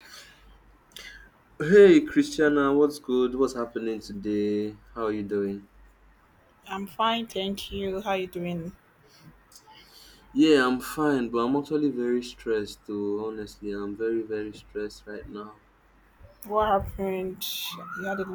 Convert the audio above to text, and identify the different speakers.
Speaker 1: Hey Christiana, what's good? What's happening today? How are you doing?
Speaker 2: I'm fine, thank you. How you doing?
Speaker 1: Yeah, I'm fine, but I'm actually very stressed too. Honestly, I'm very, very stressed right now.
Speaker 2: What happened? You had a